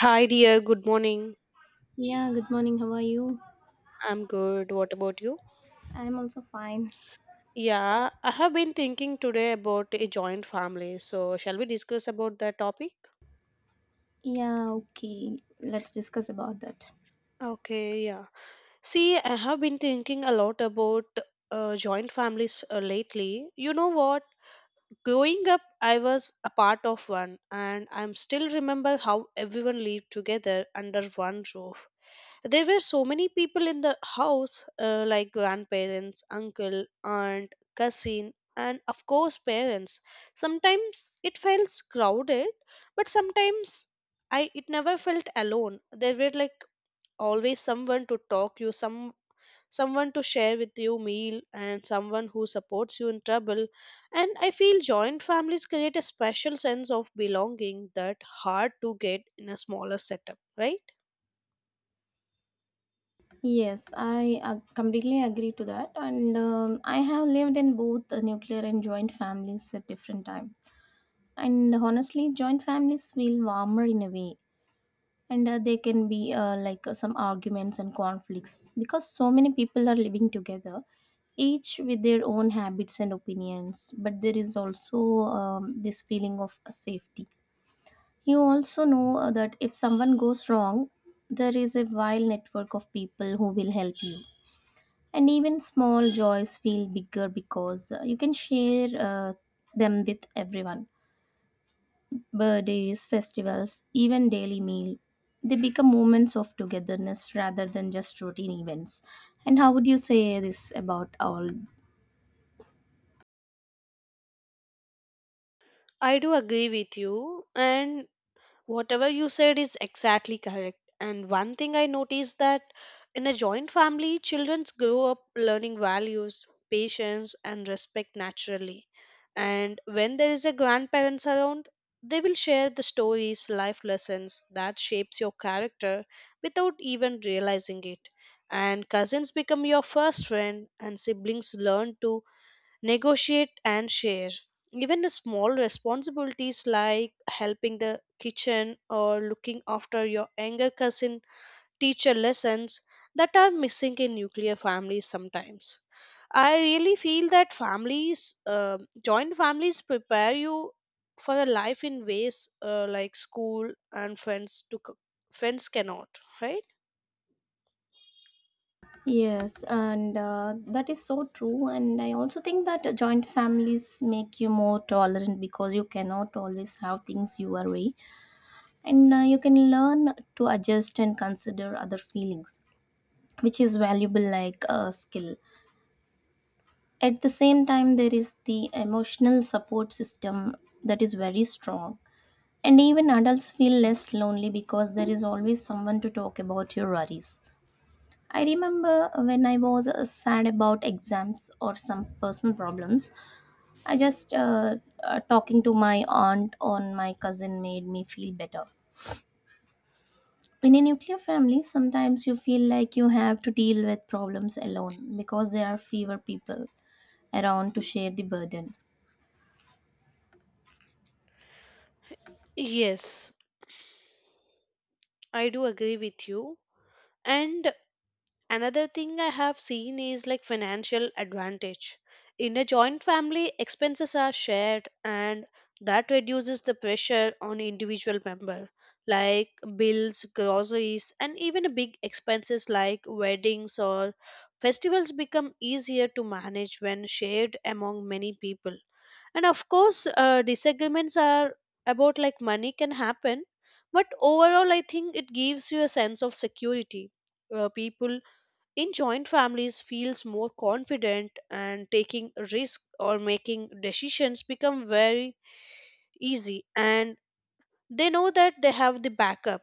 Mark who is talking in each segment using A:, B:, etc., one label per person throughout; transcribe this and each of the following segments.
A: Hi, dear. Good morning.
B: Yeah, good morning. How are you?
A: I'm good. What about you?
B: I'm also fine.
A: Yeah, I have been thinking today about a joint family. So, shall we discuss about that topic?
B: Yeah, okay. Let's discuss about that.
A: Okay, yeah. See, I have been thinking a lot about joint families lately. You know what? Growing up, I was a part of one, and I'm still remember how everyone lived together under one roof. There were so many people in the house, like grandparents, uncle, aunt, cousin, and of course parents. Sometimes it felt crowded, but sometimes I it never felt alone. There were like always someone to talk you, someone to share with you meal, and someone who supports you in trouble. And I feel joint families create a special sense of belonging that hard to get in a smaller setup, right?
B: Yes, I completely agree to that. And I have lived in both nuclear and joint families at different time. And honestly, joint families feel warmer in a way. And there can be some arguments and conflicts because so many people are living together, each with their own habits and opinions, but there is also this feeling of safety. You also know that if someone goes wrong, there is a wide network of people who will help you. And even small joys feel bigger because you can share them with everyone. Birthdays, festivals, even daily meal. They become moments of togetherness rather than just routine events. And how would you say this about all?
A: I do agree with you, and whatever you said is exactly correct. And one thing I noticed that in a joint family, children grow up learning values, patience, and respect naturally. And when there is a grandparents around, they will share the stories, life lessons that shapes your character without even realizing it. And cousins become your first friend, and siblings learn to negotiate and share. Even the small responsibilities like helping the kitchen or looking after your younger cousin teacher lessons that are missing in nuclear families sometimes. I really feel that families, joint families, prepare you for a life in ways like school and friends friends cannot, right?
B: Yes, and that is so true. And I also think that joint families make you more tolerant because you cannot always have things your way, and you can learn to adjust and consider other feelings, which is valuable like a skill. At the same time, there is the emotional support system that is very strong, and even adults feel less lonely because there is always someone to talk about your worries. I remember when I was sad about exams or some personal problems, I just talking to my aunt or my cousin made me feel better. In a nuclear family, sometimes you feel like you have to deal with problems alone because there are fewer people around to share the burden.
A: Yes, I do agree with you. And another thing I have seen is like financial advantage. In a joint family, expenses are shared and that reduces the pressure on individual member, like bills, groceries, and even big expenses like weddings or festivals become easier to manage when shared among many people. And of course, disagreements are about like money can happen, but overall I think it gives you a sense of security. People in joint families feels more confident, and taking risk or making decisions become very easy, and they know that they have the backup,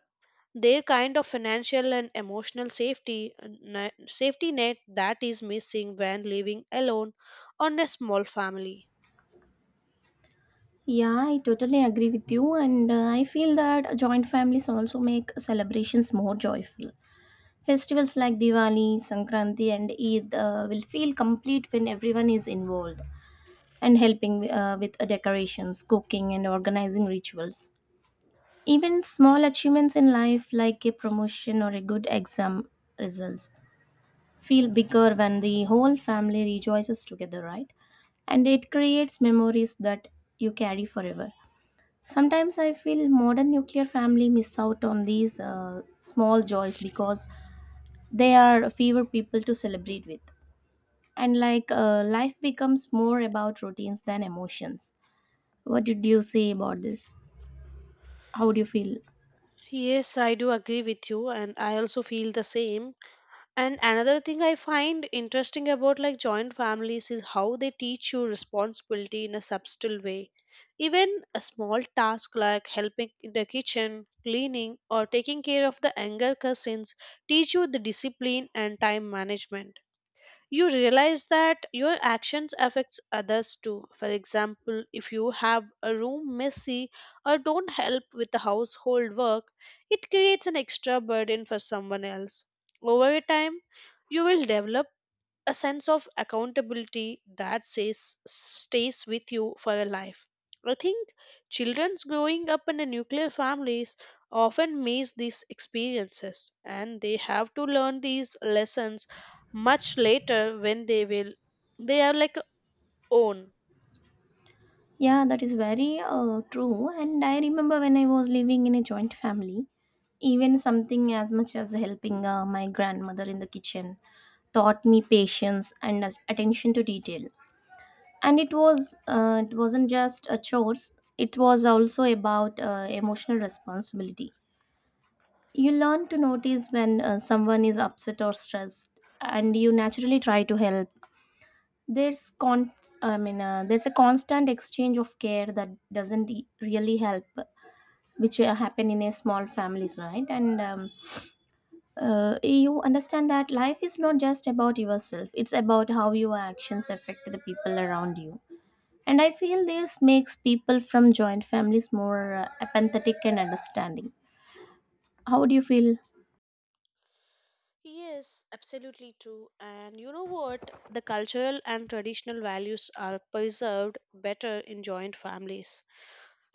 A: their kind of financial and emotional safety ne- safety net that is missing when living alone on a small family.
B: Yeah, I totally agree with you, and I feel that joint families also make celebrations more joyful. Festivals like Diwali, Sankranti, and Eid will feel complete when everyone is involved and helping with decorations, cooking, and organizing rituals. Even small achievements in life, like a promotion or a good exam results, feel bigger when the whole family rejoices together, right? And it creates memories that you carry forever. Sometimes I feel modern nuclear family miss out on these small joys because they are fewer people to celebrate with, and life becomes more about routines than emotions. What did you say about this? How do you feel?
A: Yes, I do agree with you, and I also feel the same. And another thing I find interesting about like joint families is how they teach you responsibility in a subtle way. Even a small task like helping in the kitchen, cleaning, or taking care of the younger cousins teach you the discipline and time management. You realize that your actions affects others too. For example, if you have a room messy or don't help with the household work, it creates an extra burden for someone else. Over time, you will develop a sense of accountability that says, stays with you for a life. I think children's growing up in a nuclear families often miss these experiences, and they have to learn these lessons much later when they will they are like own.
B: Yeah, that is very true. And I remember when I was living in a joint family, even something as much as helping my grandmother in the kitchen taught me patience and attention to detail. And it wasn't just a chores, it was also about emotional responsibility. You learn to notice when someone is upset or stressed, and you naturally try to help. There's con- there's a constant exchange of care that doesn't really help, which happen in a small families, right? And You understand that life is not just about yourself; it's about how your actions affect the people around you. And I feel this makes people from joint families more empathetic and understanding. How do you feel?
A: Yes, absolutely true. And you know what? The cultural and traditional values are preserved better in joint families.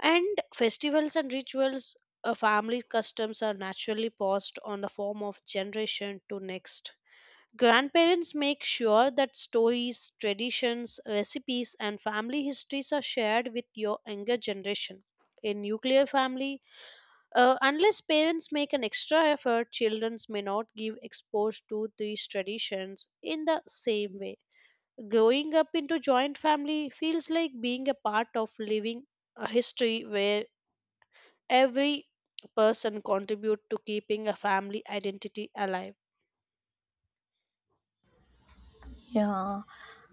A: And festivals and rituals, family customs are naturally passed on the form of generation to next. Grandparents make sure that stories, traditions, recipes, and family histories are shared with your younger generation. In nuclear family, unless parents make an extra effort, children may not give exposed to these traditions in the same way. Growing up into joint family feels like being a part of living a history where every person contribute to keeping a family identity alive.
B: Yeah,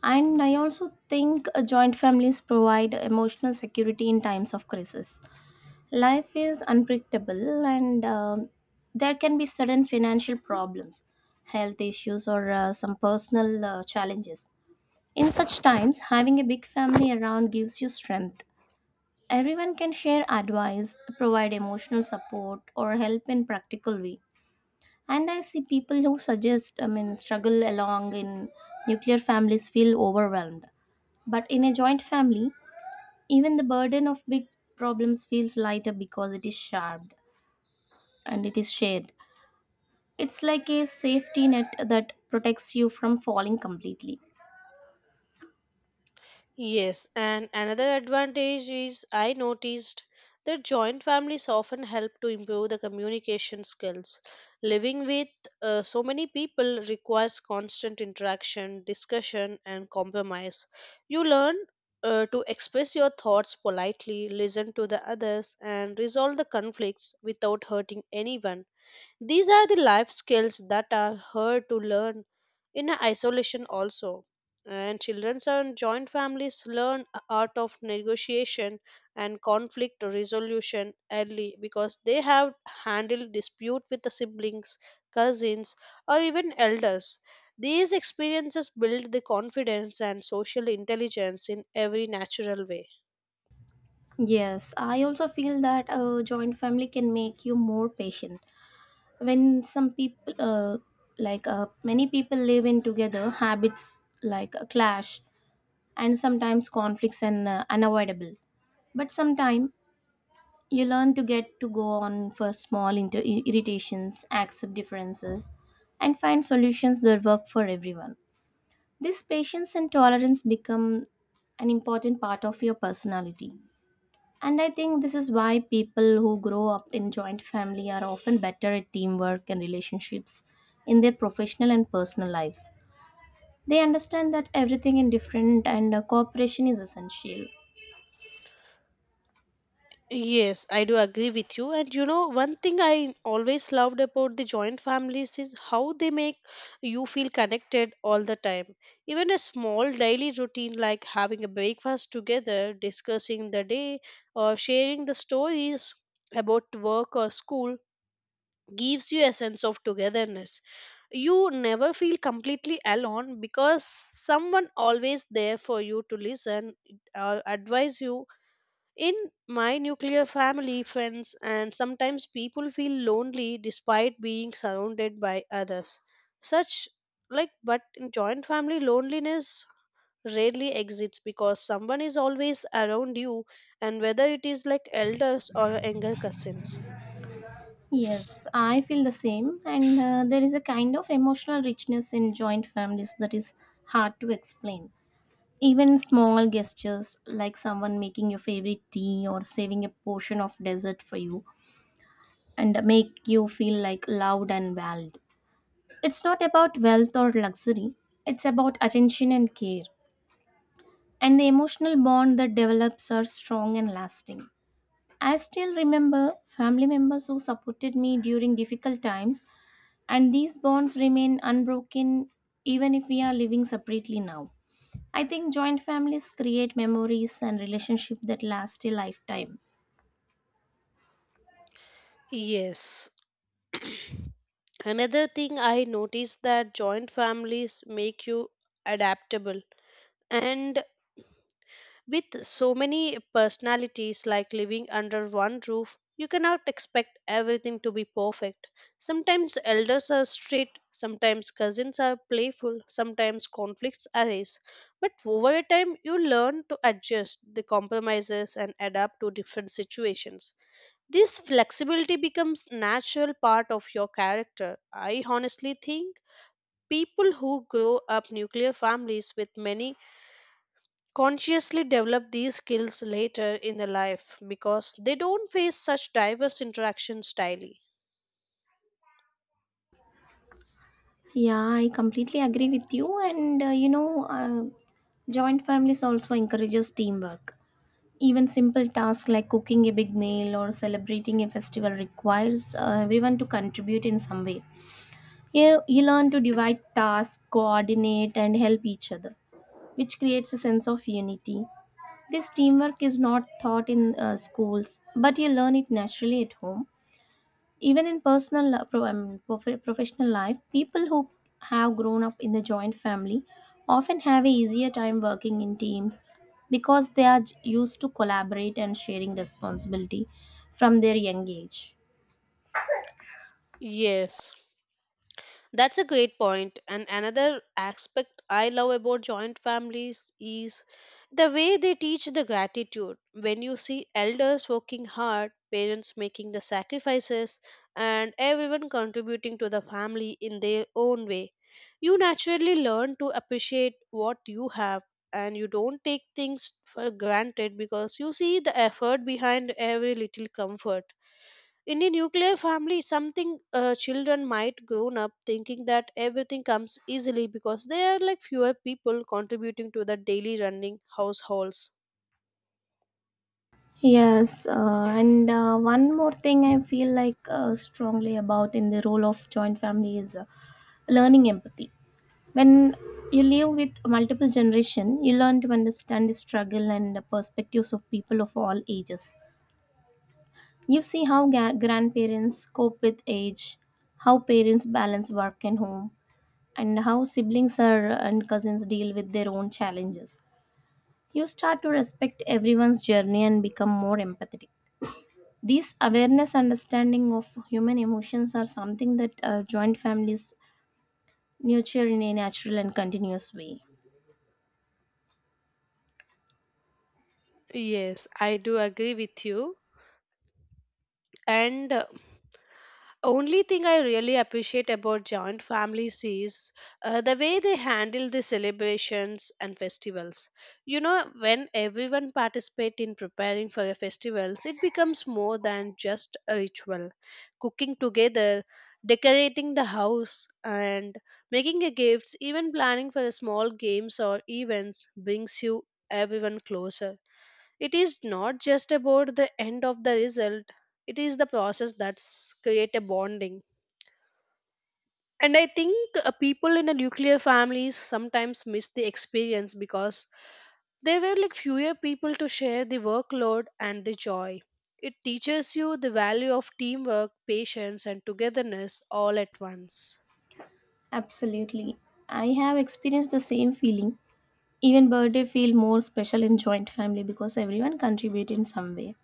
B: and I also think joint families provide emotional security in times of crisis. Life is unpredictable, and there can be sudden financial problems, health issues, or some personal challenges. In such times, having a big family around gives you strength. Everyone can share advice, provide emotional support, or help in practical way. And I see people who struggle along in nuclear families feel overwhelmed. But in a joint family, even the burden of big problems feels lighter because it is shared. It's like a safety net that protects you from falling completely.
A: Yes, and another advantage is I noticed that joint families often help to improve the communication skills. Living with so many people requires constant interaction, discussion, and compromise. You learn to express your thoughts politely, listen to the others, and resolve the conflicts without hurting anyone. These are the life skills that are hard to learn in isolation also. And children and joint families learn art of negotiation and conflict resolution early because they have handled dispute with the siblings, cousins, or even elders. These experiences build the confidence and social intelligence in every natural way.
B: Yes, I also feel that a joint family can make you more patient. When some people, like many people live in together, habits like a clash and sometimes conflicts are unavoidable, but sometime you learn to get to go on for small irritations, accept differences, and find solutions that work for everyone. This patience and tolerance become an important part of your personality, and I think this is why people who grow up in joint family are often better at teamwork and relationships in their professional and personal lives. They understand that everything is different, and cooperation is essential.
A: Yes, I do agree with you. And you know, one thing I always loved about the joint families is how they make you feel connected all the time. Even a small daily routine like having a breakfast together, discussing the day, or sharing the stories about work or school gives you a sense of togetherness. You never feel completely alone because someone always there for you to listen or advise you. In my nuclear family, friends, and sometimes people feel lonely despite being surrounded by others. Such like, but in joint family, loneliness rarely exists because someone is always around you, and whether it is like elders or younger cousins.
B: Yes, I feel the same, and there is a kind of emotional richness in joint families that is hard to explain. Even small gestures like someone making your favorite tea or saving a portion of dessert for you and make you feel like loved and valued. It's not about wealth or luxury, it's about attention and care. And the emotional bond that develops are strong and lasting. I still remember family members who supported me during difficult times, and these bonds remain unbroken even if we are living separately now. I think joint families create memories and relationship that last a lifetime.
A: Yes. Another thing I noticed that joint families make you adaptable. And with so many personalities like living under one roof, you cannot expect everything to be perfect. Sometimes elders are strict, sometimes cousins are playful, sometimes conflicts arise. But over time, you learn to adjust the compromises and adapt to different situations. This flexibility becomes natural part of your character. I honestly think people who grow up nuclear families with many consciously develop these skills later in their life because they don't face such diverse interactions daily.
B: Yeah, I completely agree with you. And joint families also encourages teamwork. Even simple tasks like cooking a big meal or celebrating a festival requires everyone to contribute in some way. You learn to divide tasks, coordinate, and help each other, which creates a sense of unity. This teamwork is not taught in schools, but you learn it naturally at home. Even in personal, pro- I mean, prof- professional life, people who have grown up in the joint family often have a easier time working in teams because they are used to collaborate and sharing responsibility from their young age.
A: Yes, that's a great point. And another aspect I love about joint families is the way they teach the gratitude. When you see elders working hard, parents making the sacrifices, and everyone contributing to the family in their own way, you naturally learn to appreciate what you have, and you don't take things for granted because you see the effort behind every little comfort. In the nuclear family, something children might grown up thinking that everything comes easily because there are like fewer people contributing to the daily running households.
B: Yes, and one more thing I feel like strongly about in the role of joint family is learning empathy. When you live with multiple generation, you learn to understand the struggle and the perspectives of people of all ages. You see how grandparents cope with age, how parents balance work and home, and how siblings are, and cousins deal with their own challenges. You start to respect everyone's journey and become more empathetic. These awareness understanding of human emotions are something that joint families nurture in a natural and continuous way.
A: Yes, I do agree with you. And only thing I really appreciate about joint families is the way they handle the celebrations and festivals. You know, when everyone participate in preparing for a festivals, it becomes more than just a ritual. Cooking together, decorating the house, and making a gifts, even planning for a small games or events, brings you everyone closer. It is not just about the end of the result, it is the process that's create a bonding. And I think people in a nuclear families sometimes miss the experience because there were like fewer people to share the workload and the joy. It teaches you the value of teamwork, patience, and togetherness all at once.
B: Absolutely. I have experienced the same feeling. Even birthday feel more special in joint family because everyone contribute in some way.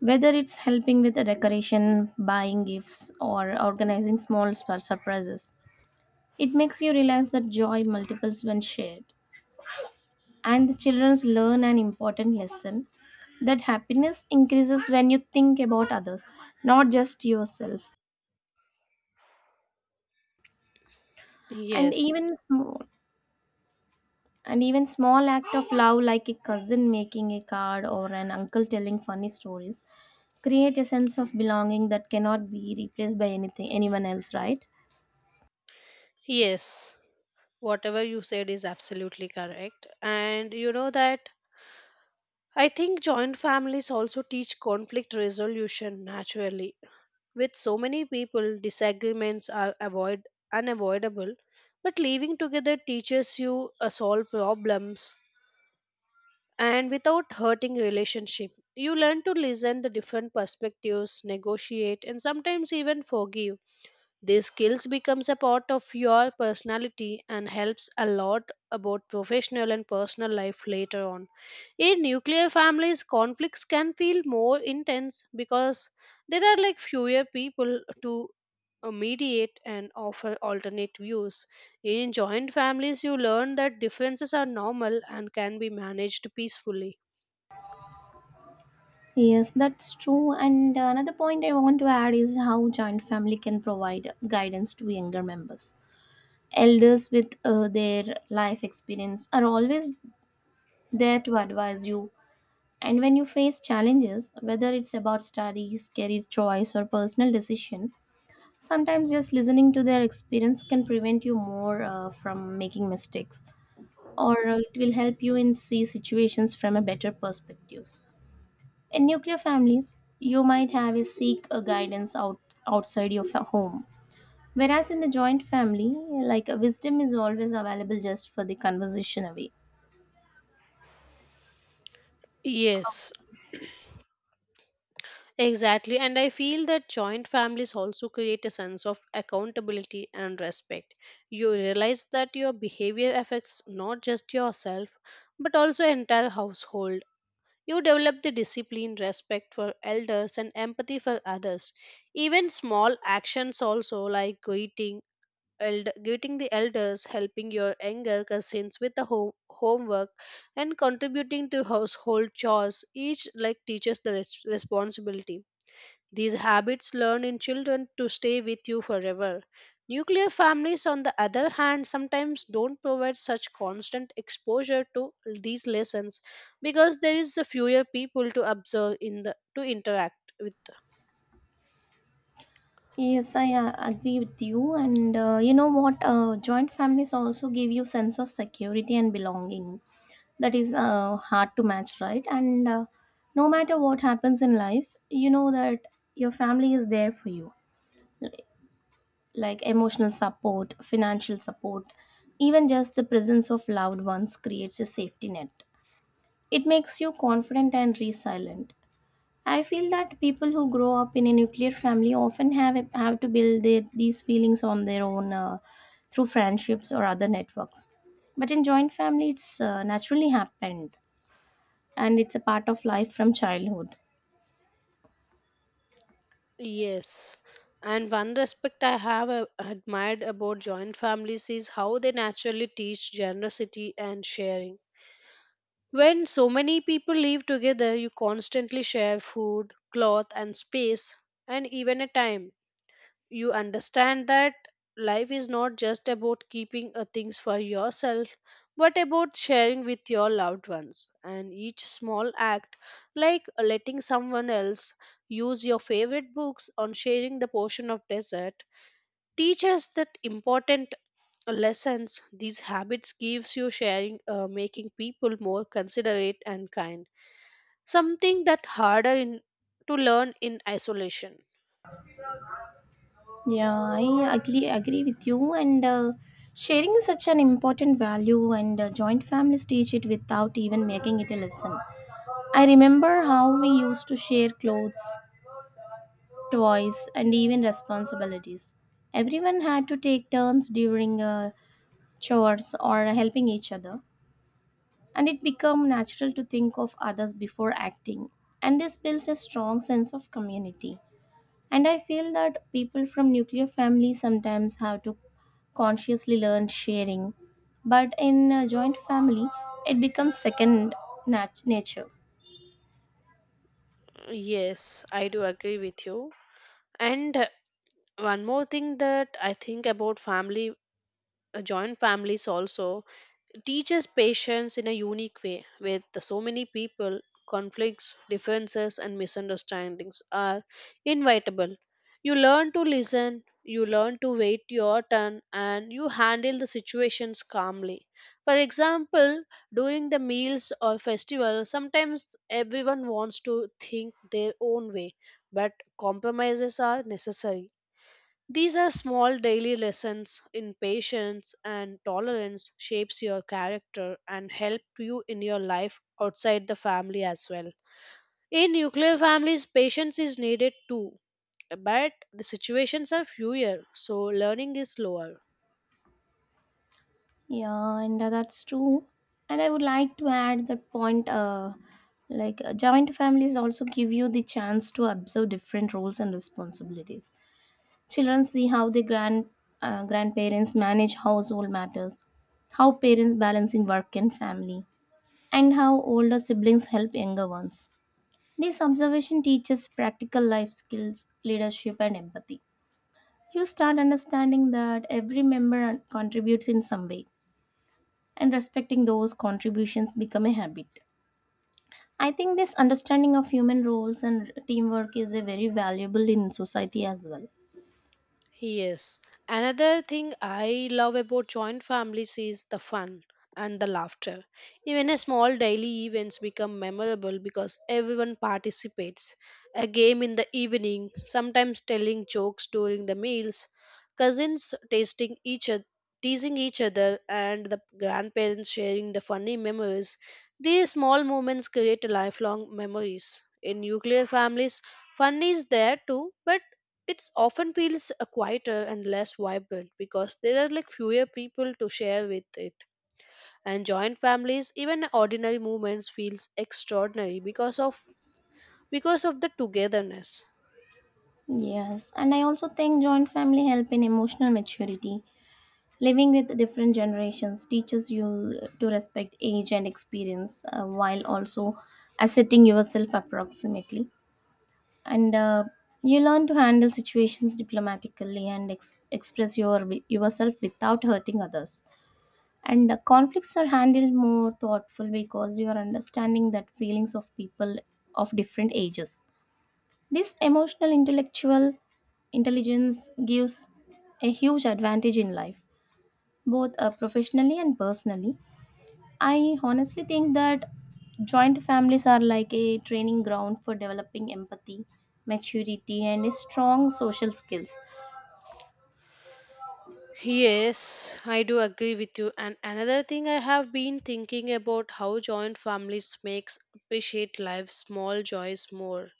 B: Whether it's helping with the decoration, buying gifts, or organizing surprises. It makes you realize that joy multiples when shared. And the children learn an important lesson that happiness increases when you think about others, not just yourself. And
A: Yes,
B: even small, And even small act of love like a cousin making a card or an uncle telling funny stories create a sense of belonging that cannot be replaced by anything anyone else, right?
A: yes, whatever you said is absolutely correct. And you know that I think joint families also teach conflict resolution naturally. With so many people, disagreements are avoid unavoidable, but living together teaches you solve problems and without hurting relationship. You learn to listen the different perspectives, negotiate, and sometimes even forgive. These skills becomes a part of your personality and helps a lot about professional and personal life later on. In nuclear families, conflicts can feel more intense because there are like fewer people to mediate and offer alternate views. In joint families, you learn that differences are normal and can be managed peacefully.
B: Yes, that's true. And another point I want to add is how joint family can provide guidance to younger members. Elders with their life experience are always there to advise you. And when you face challenges, whether it's about studies, career choice, or personal decision, sometimes just listening to their experience can prevent you more from making mistakes, or it will help you in see situations from a better perspectives. In nuclear families, you might have a seek a guidance outside your home, whereas in the joint family, wisdom is always available just for the conversation away.
A: Yes, exactly, and I feel that joint families also create a sense of accountability and respect. You realize that your behavior affects not just yourself but also entire household. You develop the discipline, respect for elders, and empathy for others. Even small actions also like greeting the elders, helping your younger cousins with the homework, and contributing to household chores each like teaches the responsibility. These habits learn in children to stay with you forever. Nuclear families, on the other hand, sometimes don't provide such constant exposure to these lessons because there is fewer people to observe in the to interact with.
B: Yes, I agree with you, and you know what? Joint families also give you sense of security and belonging that is hard to match, right? And no matter what happens in life, you know that your family is there for you, like emotional support, financial support. Even just the presence of loved ones creates a safety net. It makes you confident and resilient. I feel that people who grow up in a nuclear family often have to build these feelings on their own through friendships or other networks, but in joint family it's naturally happened, and it's a part of life from childhood.
A: Yes. And one respect I have admired about joint families is how they naturally teach generosity and sharing. When so many people live together, you constantly share food, cloth, and space, and even a time. You understand that life is not just about keeping things for yourself, but about sharing with your loved ones, and each small act, like letting someone else use your favorite books or sharing the portion of dessert, teaches that important lessons. These habits gives you sharing, making people more considerate and kind. Something that harder in to learn in isolation.
B: Yeah, I agree with you. And sharing is such an important value, and joint families teach it without even making it a lesson. I remember how we used to share clothes, toys, and even responsibilities. Everyone had to take turns during chores or helping each other, and it became natural to think of others before acting. And this builds a strong sense of community. And I feel that people from nuclear families sometimes have to consciously learn sharing. But in a joint family, it becomes second nature.
A: Yes, I do agree with you. And one more thing that I think about family, joint families also teaches patience in a unique way. With so many people, conflicts, differences, and misunderstandings are inevitable. You learn to listen, you learn to wait your turn, and you handle the situations calmly. For example, during the meals or festivals, sometimes everyone wants to think their own way, but compromises are necessary. These are small daily lessons in patience and tolerance, shapes your character and help you in your life outside the family as well. In nuclear families, patience is needed too, but the situations are fewer, so learning is slower.
B: Yeah, and that's true. And I would like to add that point joint families also give you the chance to observe different roles and responsibilities. Children see how the grandparents manage household matters, how parents balancing work and family, and how older siblings help younger ones. This observation teaches practical life skills, leadership, and empathy. You start understanding that every member contributes in some way, and respecting those contributions become a habit. I think this understanding of human roles and teamwork is a very valuable in society as well.
A: Yes. Another thing I love about joint families is the fun and the laughter. Even a small daily events become memorable because everyone participates. A game in the evening, sometimes telling jokes during the meals, cousins tasting each other, teasing each other, and the grandparents sharing the funny memories, these small moments create lifelong memories. In nuclear families, fun is there too, but it's often feels quieter and less vibrant because there are like fewer people to share with it. And joint families, even ordinary movements feels extraordinary because of the togetherness.
B: Yes, and I also think joint family help in emotional maturity. Living with different generations teaches you to respect age and experience while also asserting yourself approximately. And you learn to handle situations diplomatically and express yourself without hurting others. And conflicts are handled more thoughtful because you are understanding that feelings of people of different ages. This emotional intellectual intelligence gives a huge advantage in life, both professionally and personally. I honestly think that joint families are like a training ground for developing empathy, maturity, and strong social skills.
A: Yes, I do agree with you. And another thing I have been thinking about how joint families makes appreciate life's small joys more.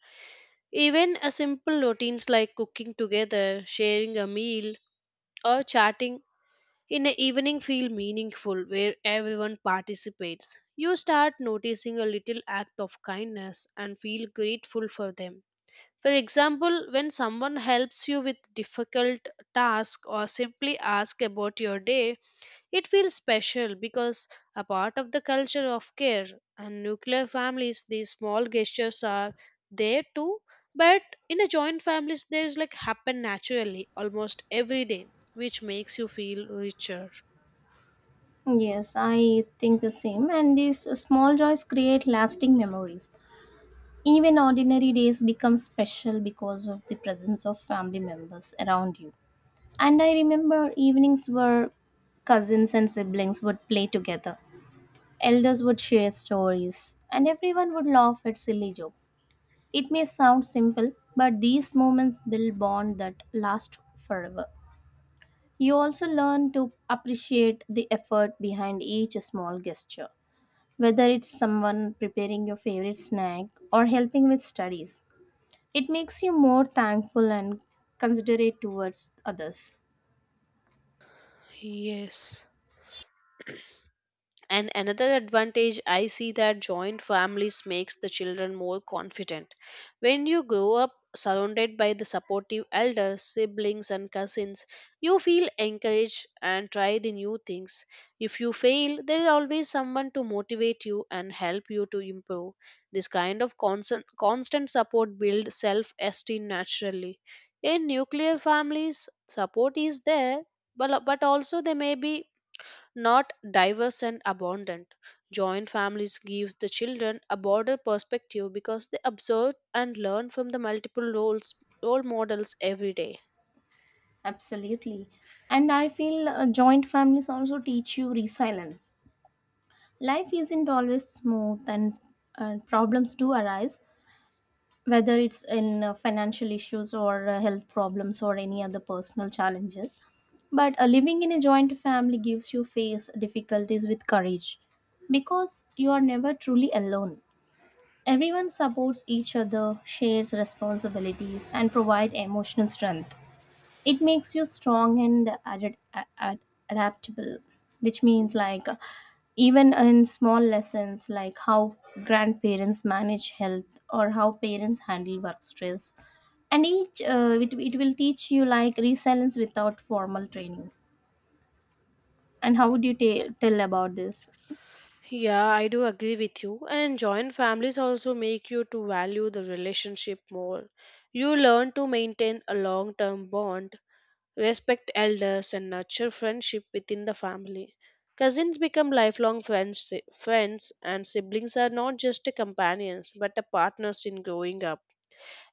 A: Even a simple routines like cooking together, sharing a meal, or chatting in the evening feel meaningful where everyone participates. You start noticing a little act of kindness and feel grateful for them. For example, when someone helps you with difficult task or simply ask about your day, it feels special because a part of the culture of care. And nuclear families, these small gestures are there too, but in a joint families, there's like happen naturally almost every day, which makes you feel richer.
B: Yes, I think the same. And these small joys create lasting memories. Even ordinary days become special because of the presence of family members around you. And I remember evenings where cousins and siblings would play together. Elders would share stories, and everyone would laugh at silly jokes. It may sound simple, but these moments build bonds that last forever. You also learn to appreciate the effort behind each small gesture, whether it's someone preparing your favorite snack or helping with studies. It makes you more thankful and considerate towards others.
A: Yes. And another advantage I see that joint families makes the children more confident. When you grow up surrounded by the supportive elders, siblings and cousins, you feel encouraged and try the new things. If you fail, there is always someone to motivate you and help you to improve. This kind of constant support builds self-esteem naturally. In nuclear families, support is there, but also there may be not diverse and abundant. Joint families give the children a broader perspective because they observe and learn from the multiple role models every day.
B: Absolutely. And I feel joint families also teach you resilience. Life isn't always smooth, and problems do arise, whether it's in financial issues, or health problems, or any other personal challenges. But living in a joint family gives you face difficulties with courage because you are never truly alone. Everyone supports each other, shares responsibilities, and provide emotional strength. It makes you strong and adaptable, which means like even in small lessons like how grandparents manage health or how parents handle work stress. And each it will teach you like resilience without formal training. And how would you tell about this?
A: Yeah, I do agree with you. And joint families also make you to value the relationship more. You learn to maintain a long-term bond, respect elders, and nurture friendship within the family. Cousins become lifelong friends, and siblings are not just companions but a partners in growing up.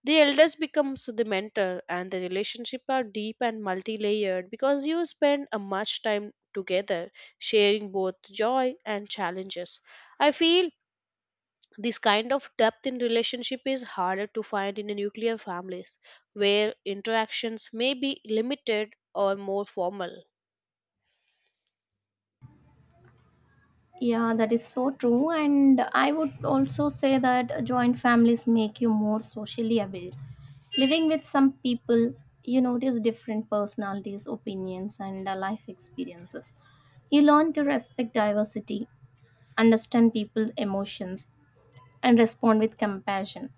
A: The elders becomes the mentor and the relationship are deep and multi-layered because you spend a much time together, sharing both joy and challenges. I feel this kind of depth in relationship is harder to find in a nuclear families, where interactions may be limited or more formal.
B: Yeah, that is so true. And I would also say that joint families make you more socially aware. Living with some people, you notice different personalities, opinions, and life experiences. You learn to respect diversity, understand people's emotions, and respond with compassion.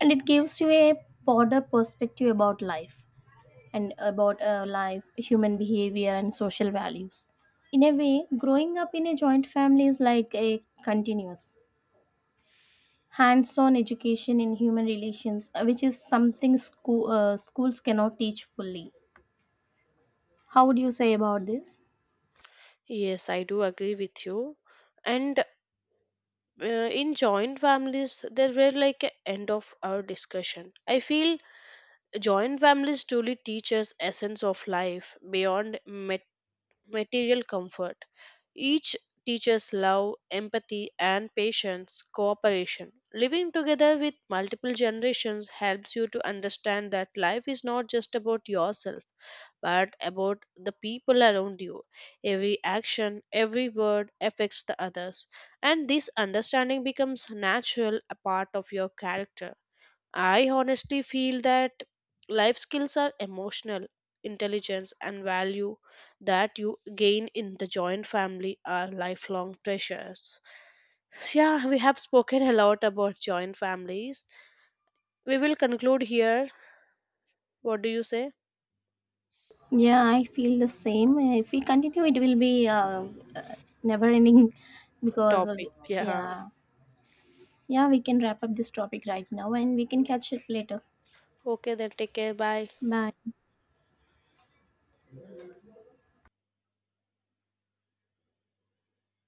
B: And it gives you a broader perspective about life and about human behavior, and social values. In a way, growing up in a joint family is like a continuous hands on education in human relations, which is something schools cannot teach fully. How would you say about this?
A: Yes, I do agree with you. And in joint families, there were like a end of our discussion. I feel joint families truly teach us essence of life beyond material comfort. Each teaches love, empathy, and patience, cooperation. Living together with multiple generations helps you to understand that life is not just about yourself, but about the people around you. Every action, every word affects the others, and this understanding becomes natural a part of your character. I honestly feel that life skills are emotional intelligence and value that you gain in the joint family are lifelong treasures. Yeah, we have spoken a lot about joint families. We will conclude here. What do you say?
B: Yeah, I feel the same. If we continue, it will be uh, never ending because of,
A: Topic. Yeah.
B: yeah, yeah, we can wrap up this topic right now, and we can catch up later.
A: Okay, then take care. Bye.
B: Bye.